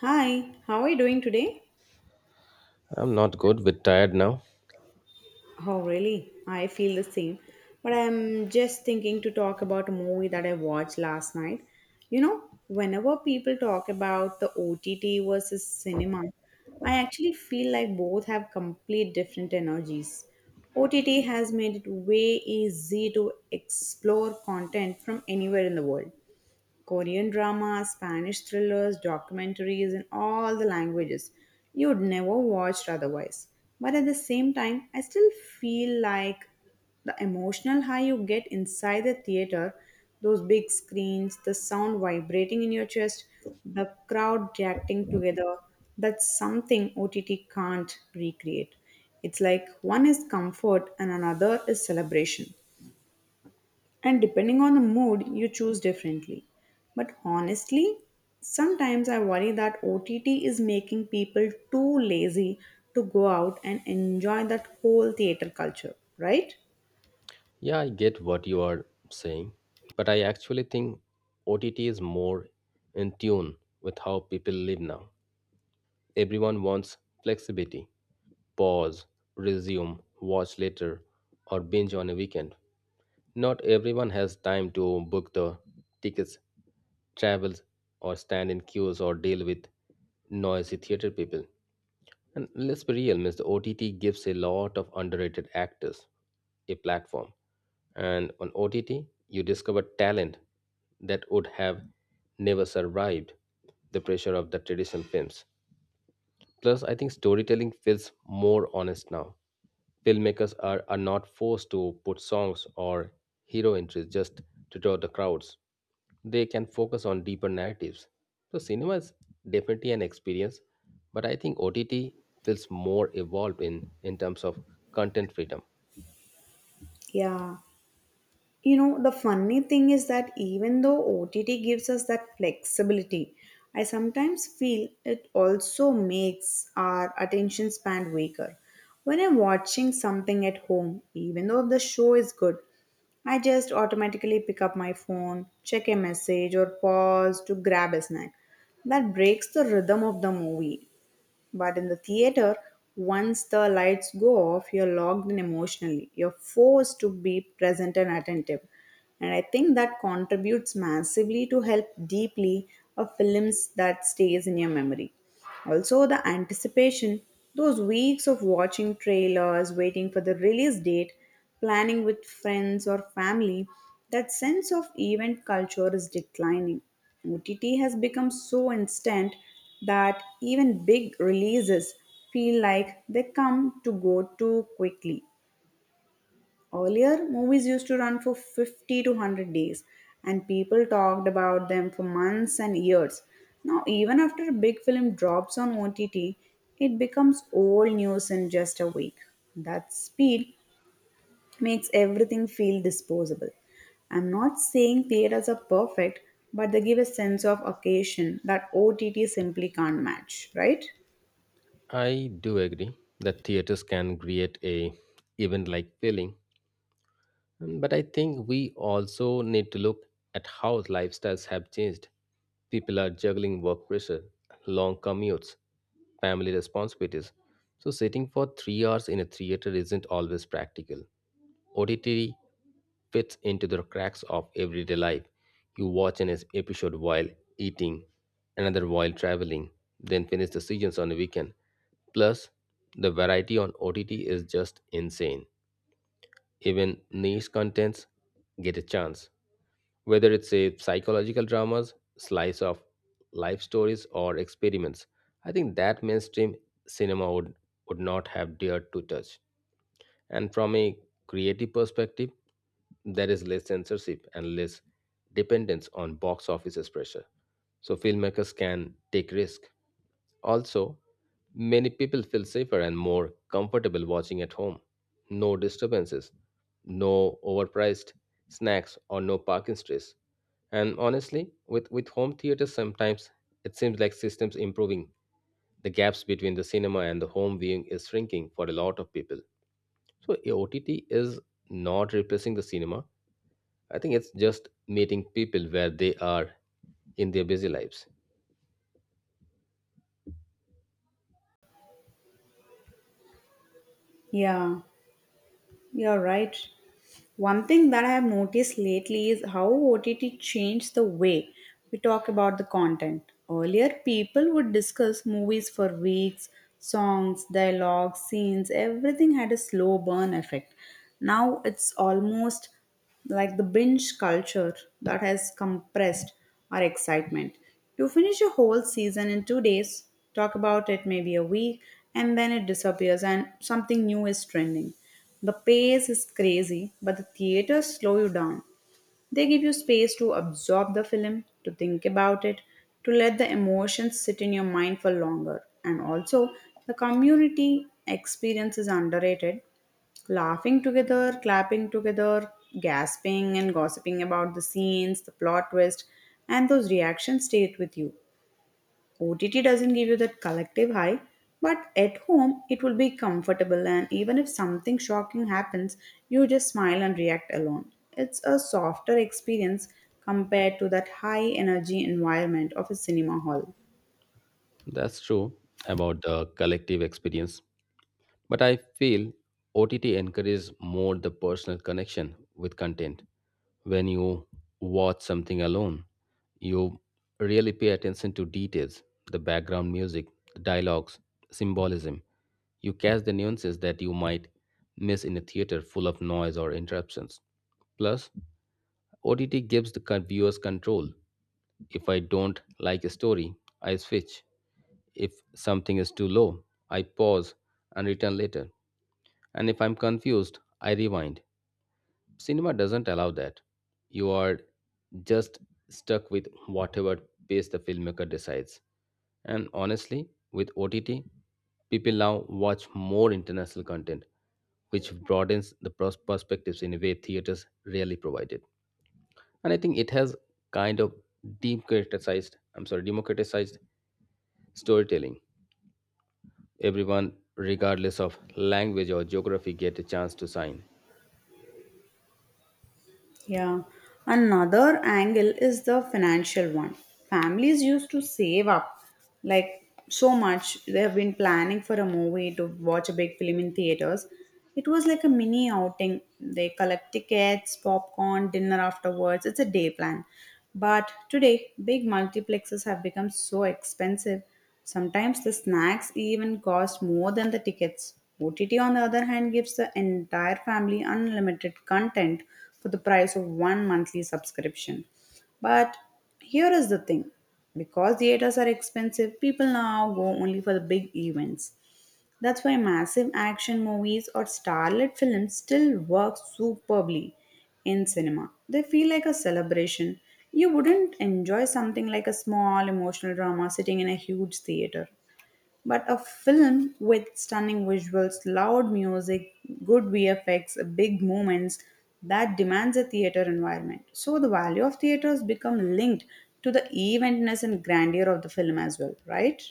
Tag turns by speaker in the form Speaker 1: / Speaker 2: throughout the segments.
Speaker 1: Hi, how are you doing today?
Speaker 2: I'm not good with tired now.
Speaker 1: Oh, really? I feel the same. But I'm just thinking to talk about a movie that I watched last night. You know, whenever people talk about the OTT versus cinema, I actually feel like both have complete different energies. OTT has made it way easy to explore content from anywhere in the world Korean dramas, Spanish thrillers, documentaries in all the languages you'd never watched otherwise. But at the same time, I still feel like the emotional high you get inside the theater, those big screens, the sound vibrating in your chest, the crowd reacting together, that's something OTT can't recreate. It's like one is comfort and another is celebration. And depending on the mood, you choose differently. But honestly, sometimes I worry that OTT is making people too lazy to go out and enjoy that whole theater culture, right?
Speaker 2: Yeah, I get what you are saying, but I actually think OTT is more in tune with how people live now. Everyone wants flexibility, pause, resume, watch later, or binge on a weekend. Not everyone has time to book the tickets, travels, or stand in queues or deal with noisy theater people. And let's be real, means the OTT gives a lot of underrated actors a platform. And on OTT, you discover talent that would have never survived the pressure of the traditional films. Plus, I think storytelling feels more honest now. Filmmakers are not forced to put songs or hero entries just to draw the crowds. They can focus on deeper narratives. So, cinema is definitely an experience, but I think OTT feels more evolved in terms of content freedom.
Speaker 1: Yeah. You know, the funny thing is that even though OTT gives us that flexibility, I sometimes feel it also makes our attention span weaker. When I'm watching something at home, even though the show is good, I just automatically pick up my phone, check a message, or pause to grab a snack. That breaks the rhythm of the movie. But in the theater, once the lights go off, you're locked in emotionally. You're forced to be present and attentive. And I think that contributes massively to help deeply a films that stays in your memory. Also, the anticipation, those weeks of watching trailers, waiting for the release date, planning with friends or family, that sense of event culture is declining. OTT has become so instant that even big releases feel like they come to go too quickly. Earlier, movies used to run for 50 to 100 days, and people talked about them for months and years. Now, even after a big film drops on OTT, it becomes old news in just a week. That speed makes everything feel disposable. I'm not saying theaters are perfect, but they give a sense of occasion that OTT simply can't match, right?
Speaker 2: I do agree that theaters can create a event like feeling, but I think we also need to look at how lifestyles have changed. People are juggling work pressure, long commutes, family responsibilities. So sitting for 3 hours in a theater isn't always practical. OTT fits into the cracks of everyday life. You watch an episode while eating, another while traveling, then finish the seasons on the weekend. Plus, the variety on OTT is just insane. Even niche contents get a chance, whether it's a psychological dramas, slice of life stories, or experiments. I think that mainstream cinema would not have dared to touch. And from a creative perspective, there is less censorship and less dependence on box offices pressure. So filmmakers can take risk. Also, many people feel safer and more comfortable watching at home. No disturbances, no overpriced snacks, or no parking stress. And honestly, with home theater, sometimes it seems like systems improving. The gaps between the cinema and the home viewing is shrinking for a lot of people. So OTT is not replacing the cinema. I think it's just meeting people where they are in their busy lives.
Speaker 1: Yeah, you're right. One thing that I have noticed lately is how OTT changed the way we talk about the content. Earlier, people would discuss movies for weeks, songs, dialogues, scenes, everything had a slow burn effect. Now it's almost like the binge culture that has compressed our excitement. You finish a whole season in 2 days, talk about it maybe a week, and then it disappears and something new is trending. The pace is crazy, but the theaters slow you down. They give you space to absorb the film, to think about it, to let the emotions sit in your mind for longer. And also, the community experience is underrated. Laughing together, clapping together, gasping and gossiping about the scenes, the plot twist, and those reactions stayed with you. OTT doesn't give you that collective high, but at home it will be comfortable, and even if something shocking happens, you just smile and react alone. It's a softer experience compared to that high energy environment of a cinema hall.
Speaker 2: That's true about the collective experience, but I feel OTT encourages more the personal connection with content. When you watch something alone, you really pay attention to details, the background music, the dialogues, symbolism. You catch the nuances that you might miss in a theater full of noise or interruptions. Plus, OTT gives the viewers control. If I don't like a story, I switch. If something is too low, I pause and return later. And if I'm confused, I rewind. Cinema doesn't allow that. You are just stuck with whatever pace the filmmaker decides. And honestly, with OTT, people now watch more international content, which broadens the perspectives in a way theaters rarely provided. And I think it has kind of democratized, I'm sorry, democratized storytelling. Everyone regardless of language or geography get a chance to sign.
Speaker 1: Yeah. Another angle is the financial one. Families used to save up like so much. They have been planning for a movie to watch a big film in theaters. It was like a mini outing. They collect tickets, popcorn, dinner afterwards. It's a day plan. But today, big multiplexes have become so expensive. Sometimes the snacks even cost more than the tickets. OTT, on the other hand, gives the entire family unlimited content for the price of one monthly subscription. But here is the thing, because theaters are expensive, people now go only for the big events. That's why massive action movies or starlit films still work superbly in cinema. They feel like a celebration. You wouldn't enjoy something like a small emotional drama sitting in a huge theater. But a film with stunning visuals, loud music, good VFX, big moments, that demands a theater environment. So the value of theaters become linked to the eventness and grandeur of the film as well, right?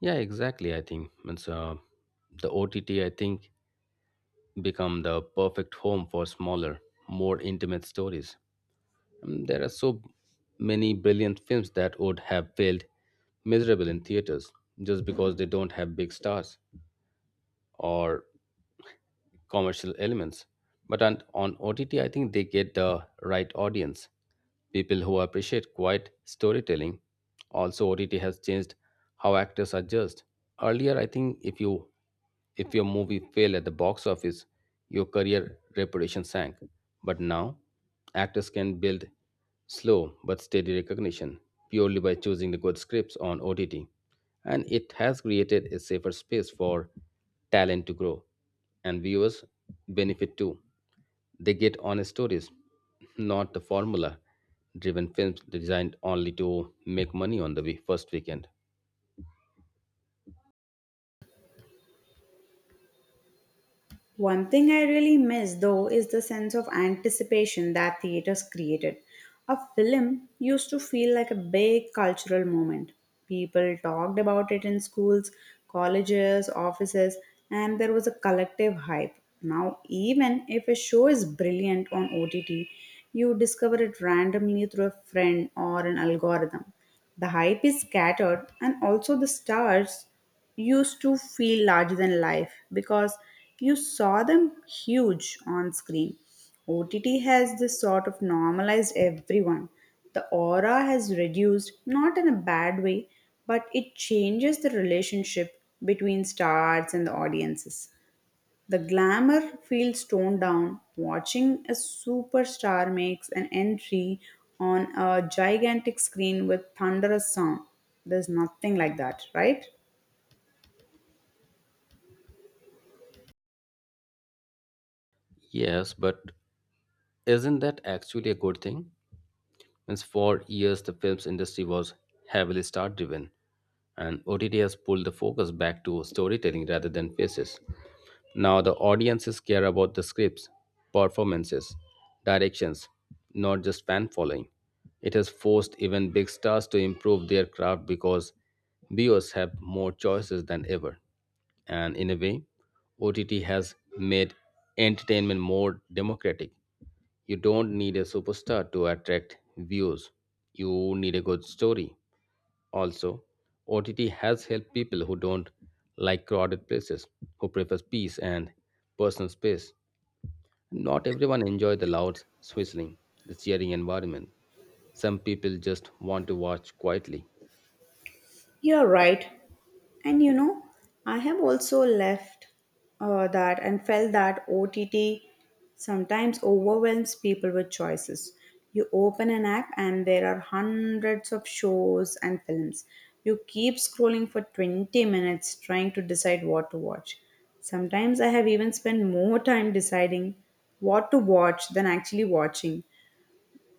Speaker 2: Yeah, exactly. I think it's the OTT, I think, become the perfect home for smaller, more intimate stories. There are so many brilliant films that would have failed miserable in theaters just because they don't have big stars or commercial elements, but on OTT, I think they get the right audience. People who appreciate quiet storytelling. Also, OTT has changed how actors are judged. Earlier, I think if your movie failed at the box office, your career reputation sank. But now, actors can build slow but steady recognition purely by choosing the good scripts on OTT. And it has created a safer space for talent to grow, and viewers benefit too. They get honest stories, not the formula driven films designed only to make money on the first weekend.
Speaker 1: One thing I really miss though is the sense of anticipation that theaters created. A film used to feel like a big cultural moment. People talked about it in schools, colleges, offices, and there was a collective hype. Now, even if a show is brilliant on OTT, you discover it randomly through a friend or an algorithm. The hype is scattered, and also the stars used to feel larger than life because you saw them huge on screen. OTT has this sort of normalized everyone. The aura has reduced, not in a bad way, but it changes the relationship between stars and the audiences. The glamour feels toned down. Watching a superstar makes an entry on a gigantic screen with thunderous sound. There's nothing like that, right?
Speaker 2: Yes, but isn't that actually a good thing? Means for years the films industry was heavily star driven and OTT has pulled the focus back to storytelling rather than faces. Now the audiences care about the scripts, performances, directions, not just fan following. It has forced even big stars to improve their craft because viewers have more choices than ever. And in a way, OTT has made entertainment more democratic. You don't need a superstar to attract views. You need a good story. Also, OTT has helped people who don't like crowded places, who prefers peace and personal space. Not everyone enjoy the loud whistling, the cheering environment. Some people just want to watch quietly.
Speaker 1: You're right. And you know, I have also left that and felt that OTT sometimes overwhelms people with choices. You open an app and there are hundreds of shows and films. You keep scrolling for 20 minutes trying to decide what to watch. Sometimes I have even spent more time deciding what to watch than actually watching.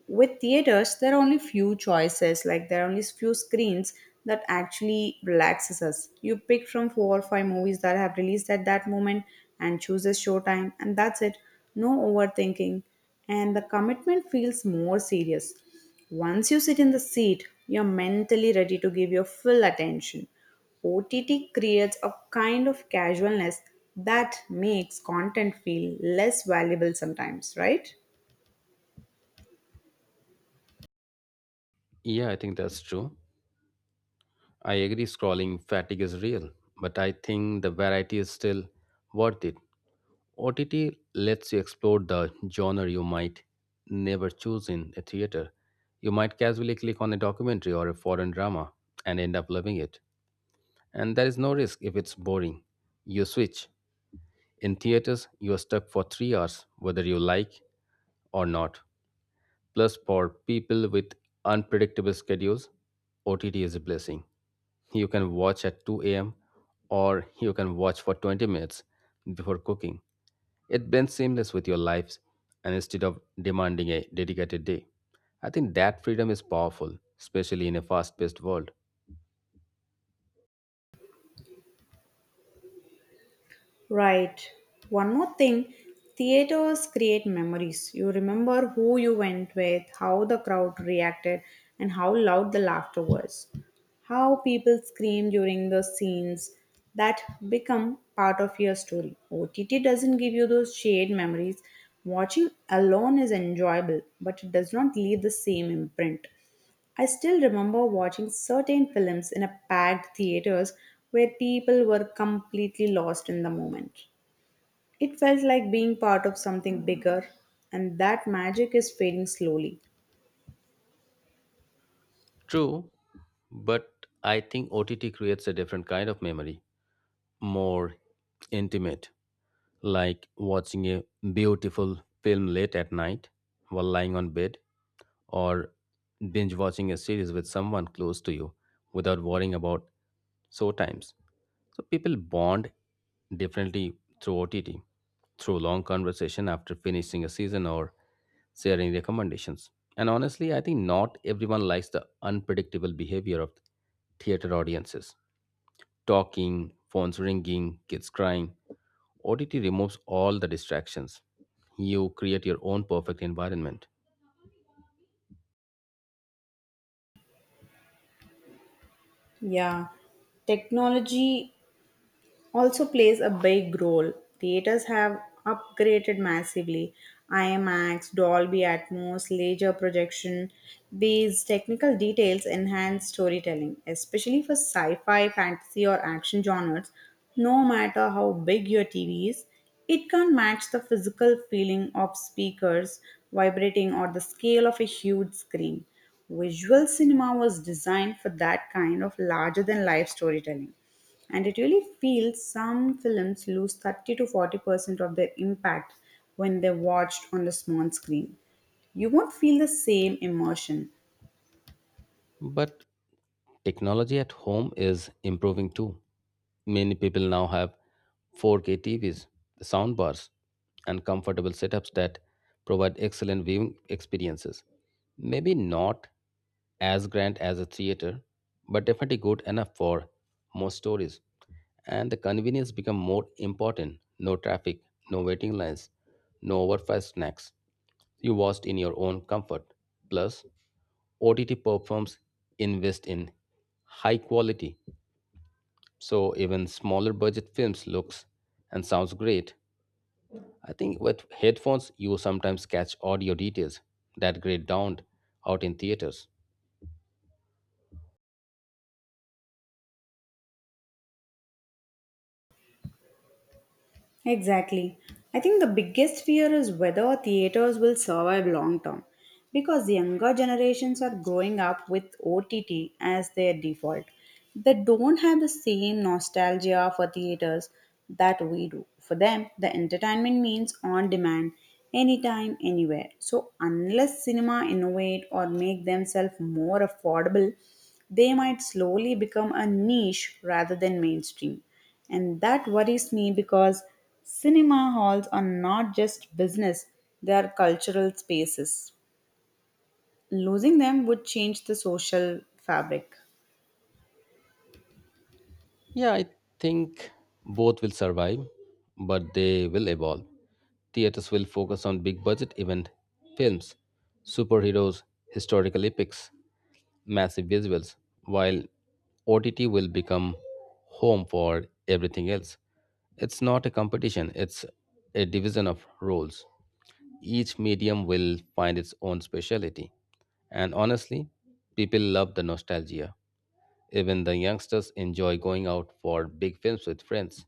Speaker 1: With theaters, there are only few choices, like there are only few screens that actually relaxes us. You pick from four or five movies that have released at that moment and choose a showtime, and that's it. No overthinking, and the commitment feels more serious. Once you sit in the seat, you're mentally ready to give your full attention. OTT creates a kind of casualness that makes content feel less valuable sometimes, right?
Speaker 2: Yeah, I think that's true. I agree scrolling fatigue is real, but I think the variety is still worth it. OTT lets you explore the genre you might never choose in a theater. You might casually click on a documentary or a foreign drama and end up loving it. And there is no risk if it's boring. You switch. In theaters, you are stuck for 3 hours, whether you like or not. Plus, for people with unpredictable schedules, OTT is a blessing. You can watch at 2 a.m. or you can watch for 20 minutes before cooking. It blends seamless with your lives and instead of demanding a dedicated day. I think that freedom is powerful, especially in a fast paced world.
Speaker 1: Right. One more thing, theaters create memories. You remember who you went with, how the crowd reacted, and how loud the laughter was. How people screamed during the scenes, that become part of your story. OTT doesn't give you those shared memories. Watching alone is enjoyable, but it does not leave the same imprint. I still remember watching certain films in a packed theaters where people were completely lost in the moment. It felt like being part of something bigger, and that magic is fading slowly.
Speaker 2: True, but I think OTT creates a different kind of memory, more intimate, like watching a beautiful film late at night while lying on bed or binge watching a series with someone close to you without worrying about show times. So people bond differently through OTT, through long conversation after finishing a season or sharing recommendations. And honestly, I think not everyone likes the unpredictable behavior of theater audiences. Talking, phones ringing, kids crying. OTT removes all the distractions. You create your own perfect environment.
Speaker 1: Yeah, technology also plays a big role. Theaters have upgraded massively. IMAX, Dolby Atmos, laser projection. These technical details enhance storytelling, especially for sci fi, fantasy, or action genres. No matter how big your TV is, it can't match the physical feeling of speakers vibrating or the scale of a huge screen. Visual cinema was designed for that kind of larger than life storytelling. And it really feels some films lose 30 to 40% of their impact when they're watched on the small screen. You won't feel the same immersion.
Speaker 2: But technology at home is improving too. Many people now have 4K TVs, soundbars, and comfortable setups that provide excellent viewing experiences. Maybe not as grand as a theater, but definitely good enough for most stories. And the convenience become more important. No traffic, no waiting lines, no overpriced snacks. You watched in your own comfort. Plus, OTT platforms invest in high quality, so even smaller budget films looks and sounds great. I think with headphones you sometimes catch audio details that great don't out in theaters.
Speaker 1: Exactly. I think the biggest fear is whether theaters will survive long term because the younger generations are growing up with OTT as their default. They don't have the same nostalgia for theaters that we do. For them, the entertainment means on demand, anytime, anywhere. So, unless cinema innovate or make themselves more affordable, they might slowly become a niche rather than mainstream. And that worries me because cinema halls are not just business, they are cultural spaces. Losing them would change the social fabric.
Speaker 2: Yeah, I think both will survive, but they will evolve. Theaters will focus on big budget event films, superheroes, historical epics, massive visuals, while OTT will become home for everything else. It's not a competition, it's a division of roles. Each medium will find its own specialty. And honestly, people love the nostalgia. Even the youngsters enjoy going out for big films with friends,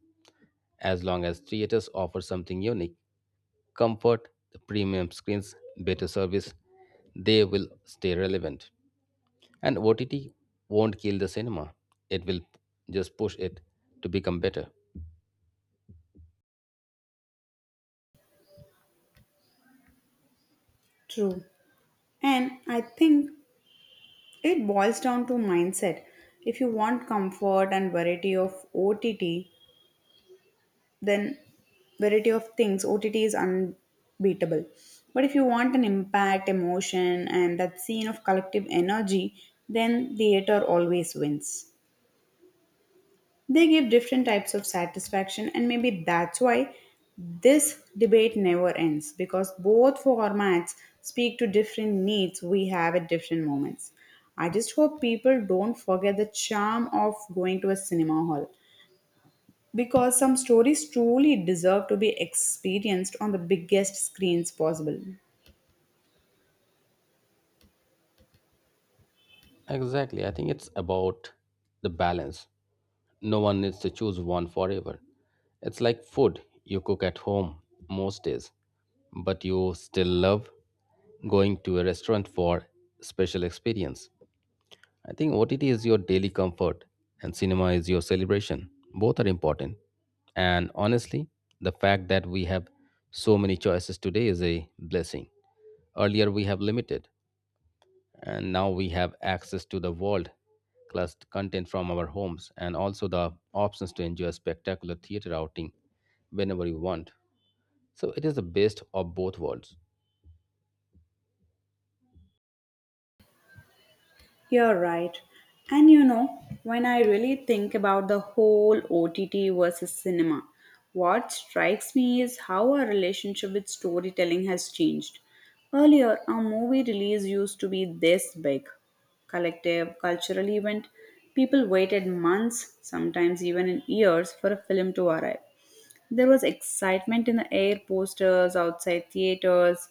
Speaker 2: as long as theaters offer something unique. Comfort, premium screens, better service, they will stay relevant. And OTT won't kill the cinema, it will just push it to become better.
Speaker 1: True. And I think it boils down to mindset. If you want comfort and variety of OTT, then variety of things, OTT is unbeatable. But if you want an impact, emotion, and that scene of collective energy, then theater always wins. They give different types of satisfaction, and maybe that's why this debate never ends because both formats speak to different needs we have at different moments. I just hope people don't forget the charm of going to a cinema hall because some stories truly deserve to be experienced on the biggest screens possible.
Speaker 2: Exactly. I think it's about the balance. No one needs to choose one forever. It's like food you cook at home most days, but you still love going to a restaurant for special experience. I think OTT is your daily comfort and cinema is your celebration. Both are important. And honestly, the fact that we have so many choices today is a blessing. Earlier, we have limited, and now we have access to the world class content from our homes and also the options to enjoy a spectacular theater outing whenever you want. So, it is the best of both worlds.
Speaker 1: You're right. And you know, when I really think about the whole OTT versus cinema, what strikes me is how our relationship with storytelling has changed. Earlier, a movie release used to be this big collective, cultural event. People waited months, sometimes even in years, for a film to arrive. There was excitement in the air, posters outside theaters,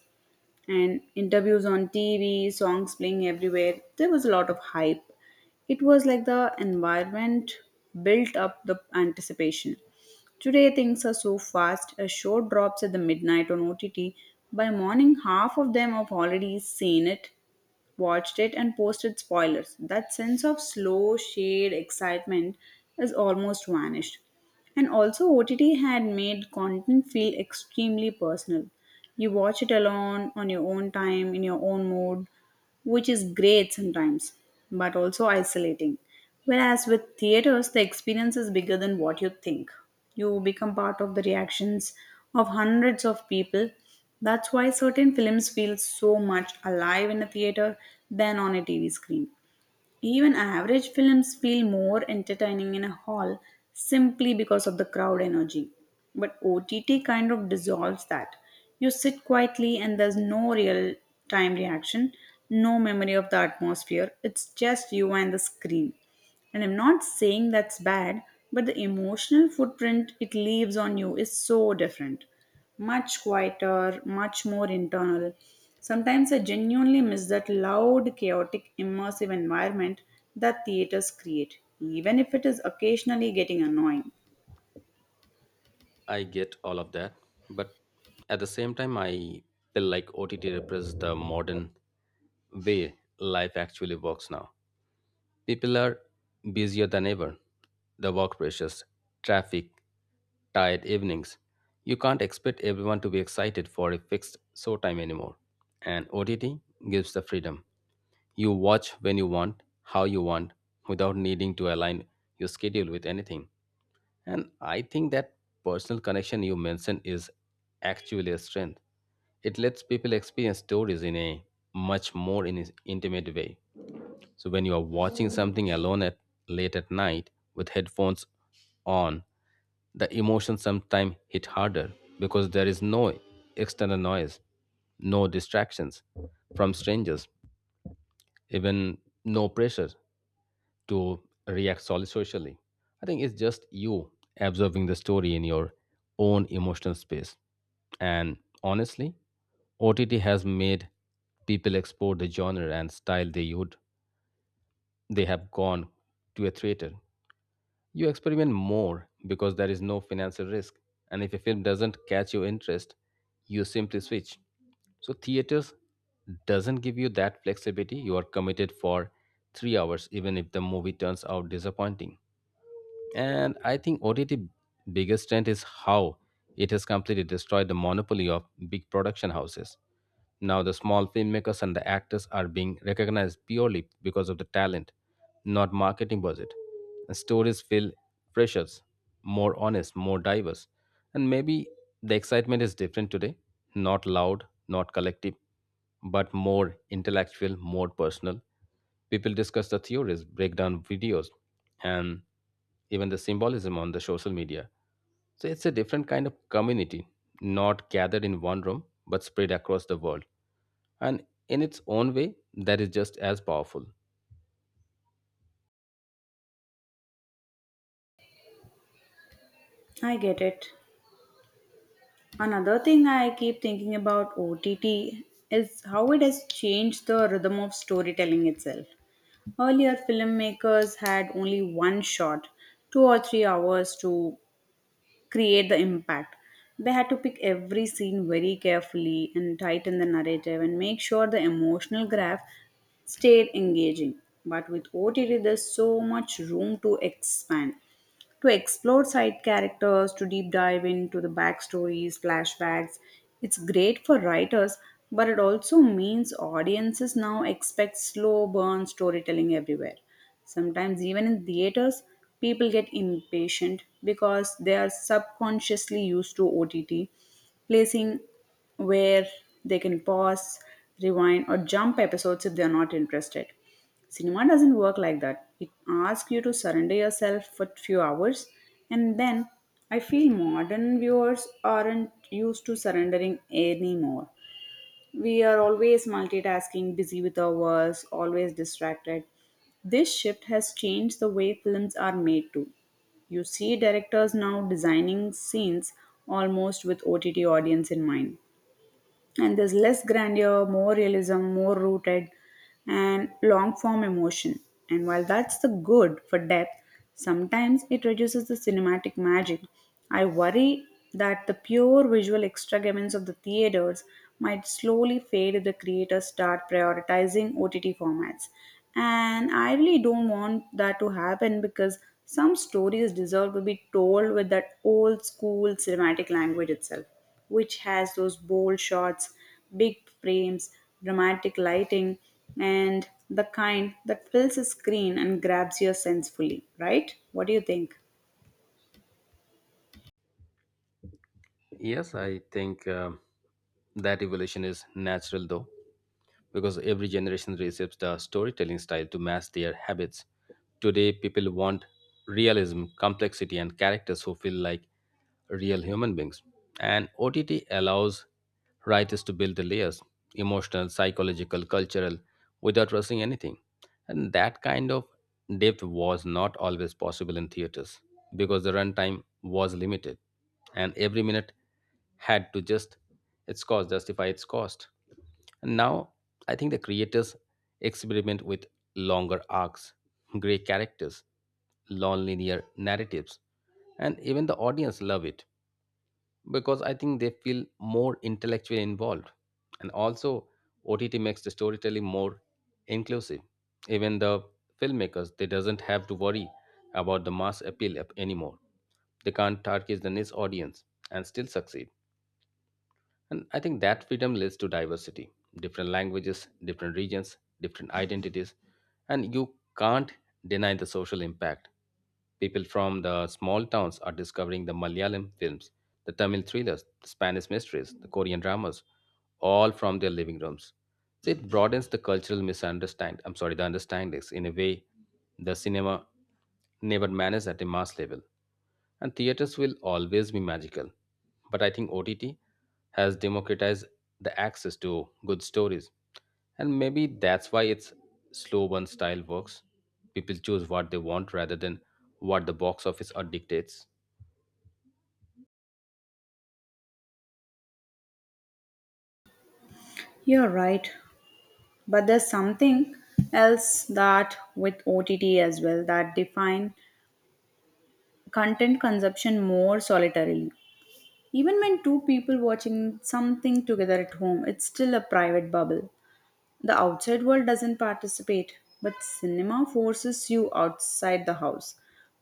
Speaker 1: and interviews on TV, songs playing everywhere. There was a lot of hype. It was like the environment built up the anticipation. Today, things are so fast. A show drops at the midnight on OTT. By morning, half of them have already seen it, watched it, and posted spoilers. That sense of slow, shade excitement is almost vanished. And also, OTT had made content feel extremely personal. You watch it alone, on your own time, in your own mood, which is great sometimes, but also isolating. Whereas with theaters, the experience is bigger than what you think. You become part of the reactions of hundreds of people. That's why certain films feel so much alive in a theater than on a TV screen. Even average films feel more entertaining in a hall simply because of the crowd energy. But OTT kind of dissolves that. You sit quietly and there's no real time reaction, no memory of the atmosphere. It's just you and the screen. And I'm not saying that's bad, but the emotional footprint it leaves on you is so different, much quieter, much more internal. Sometimes I genuinely miss that loud, chaotic, immersive environment that theaters create, even if it is occasionally getting annoying.
Speaker 2: I get all of that, but at the same time, I feel like OTT represents the modern way life actually works now. People are busier than ever. The work pressures, traffic, tired evenings. You can't expect everyone to be excited for a fixed show time anymore. And OTT gives the freedom. You watch when you want, how you want, without needing to align your schedule with anything. And I think that personal connection you mentioned is actually a strength. It lets people experience stories in a much more intimate way. So when you are watching something alone at late at night with headphones on, the emotions sometimes hit harder because there is no external noise, no distractions from strangers, even no pressure to react solely socially. I think it's just you observing the story in your own emotional space. And honestly, OTT has made people explore the genre and style they have gone to a theater. You experiment more because there is no financial risk. And if a film doesn't catch your interest, you simply switch. So theaters doesn't give you that flexibility. You are committed for 3 hours, even if the movie turns out disappointing. And I think OTT biggest strength is how it has completely destroyed the monopoly of big production houses. Now the small filmmakers and the actors are being recognized purely because of the talent, not marketing budget. And stories feel precious, more honest, more diverse. And maybe the excitement is different today, not loud, not collective, but more intellectual, more personal. People discuss the theories, break down videos, and even the symbolism on the social media. So it's a different kind of community, not gathered in one room, but spread across the world. And in its own way, that is just as powerful.
Speaker 1: I get it. Another thing I keep thinking about OTT is how it has changed the rhythm of storytelling itself. Earlier, filmmakers had only one shot, 2 or 3 hours to create the impact. They had to pick every scene very carefully and tighten the narrative and make sure the emotional graph stayed engaging. But with OTT, there's so much room to expand, to explore side characters, to deep dive into the backstories, flashbacks. It's great for writers, but it also means audiences now expect slow burn storytelling everywhere. Sometimes, even in theaters, people get impatient because they are subconsciously used to OTT, placing where they can pause, rewind, or jump episodes if they are not interested. Cinema doesn't work like that. It asks you to surrender yourself for few hours, and then I feel modern viewers aren't used to surrendering anymore. We are always multitasking, busy with our works, always distracted. This shift has changed the way films are made too. You see directors now designing scenes almost with OTT audience in mind, and there's less grandeur, more realism, more rooted, and long form emotion. And while that's the good for depth, sometimes it reduces the cinematic magic. I worry that the pure visual extravagance of the theaters might slowly fade if the creators start prioritizing OTT formats. And I really don't want that to happen, because some stories deserve to be told with that old school cinematic language itself, which has those bold shots, big frames, dramatic lighting, and the kind that fills a screen and grabs your sense fully, right? What do you think?
Speaker 2: Yes, I think that evolution is natural, though. Because every generation receives the storytelling style to match their habits. Today, people want realism, complexity, and characters who feel like real human beings. And OTT allows writers to build the layers emotional, psychological, cultural without rushing anything. And that kind of depth was not always possible in theaters because the runtime was limited and every minute had to justify its cost. And now I think the creators experiment with longer arcs, gray characters, non-linear narratives, and even the audience love it because I think they feel more intellectually involved. And also OTT makes the storytelling more inclusive. Even the filmmakers they doesn't have to worry about the mass appeal anymore. They can't target the niche audience and still succeed. And I think that freedom leads to diversity different languages, different regions, different identities. And you can't deny the social impact. People from the small towns are discovering the Malayalam films, the Tamil thrillers, the Spanish mysteries, the Korean dramas, all from their living rooms. So it broadens the cultural misunderstand. I'm sorry, the understandings in a way the cinema never managed at a mass level. And theaters will always be magical. But I think OTT has democratized the access to good stories. And maybe that's why its slow burn style works. People choose what they want rather than what the box office or dictates.
Speaker 1: You're right. But there's something else that with OTT as well that define content consumption more solitarily. Even when two people watching something together at home, it's still a private bubble. The outside world doesn't participate, but cinema forces you outside the house,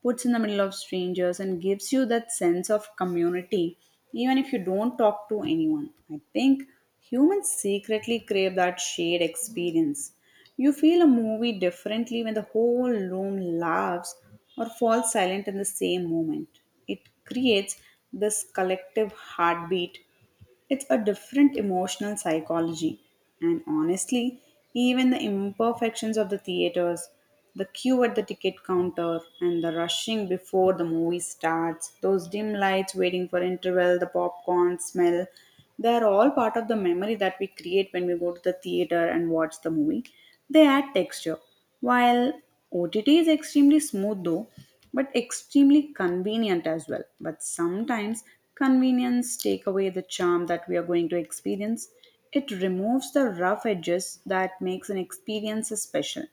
Speaker 1: puts in the middle of strangers, and gives you that sense of community, even if you don't talk to anyone. I think humans secretly crave that shared experience. You feel a movie differently when the whole room laughs or falls silent in the same moment. It creates this collective heartbeat, it's a different emotional psychology. And honestly, even the imperfections of the theaters, the queue at the ticket counter, and the rushing before the movie starts, those dim lights waiting for interval, the popcorn smell, they are all part of the memory that we create when we go to the theater and watch the movie. They add texture. While OTT is extremely smooth though, but extremely convenient as well. But sometimes convenience take away the charm that we are going to experience. It removes the rough edges that makes an experience special.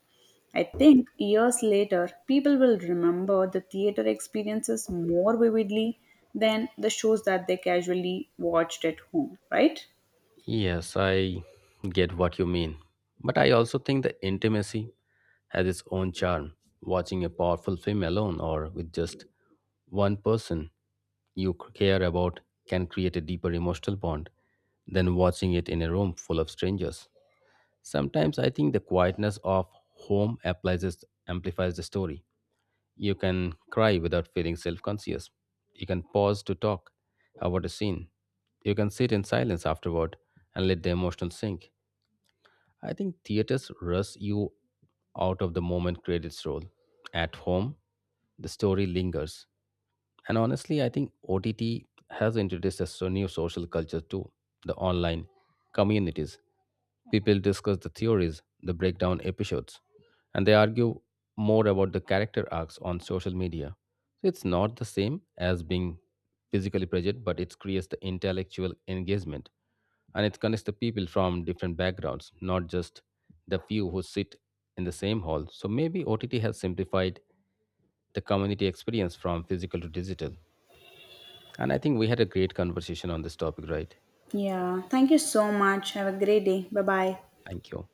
Speaker 1: I think years later people will remember the theater experiences more vividly than the shows that they casually watched at home, right?
Speaker 2: Yes, I get what you mean. But I also think the intimacy has its own charm. Watching a powerful film alone or with just one person you care about can create a deeper emotional bond than watching it in a room full of strangers. Sometimes I think the quietness of home amplifies the story. You can cry without feeling self conscious. You can pause to talk about a scene. You can sit in silence afterward and let the emotion sink. I think theaters rush you out of the moment credits roll. At home, the story lingers. And honestly, I think OTT has introduced a new social culture too, the online communities. People discuss the theories, the breakdown episodes, and they argue more about the character arcs on social media. So it's not the same as being physically present, but it creates the intellectual engagement and it connects the people from different backgrounds, not just the few who sit in the same hall. So maybe OTT has simplified the community experience from physical to digital. And I think we had a great conversation on this topic, right?
Speaker 1: Yeah, thank you so much. Have a great day. Bye bye.
Speaker 2: Thank you.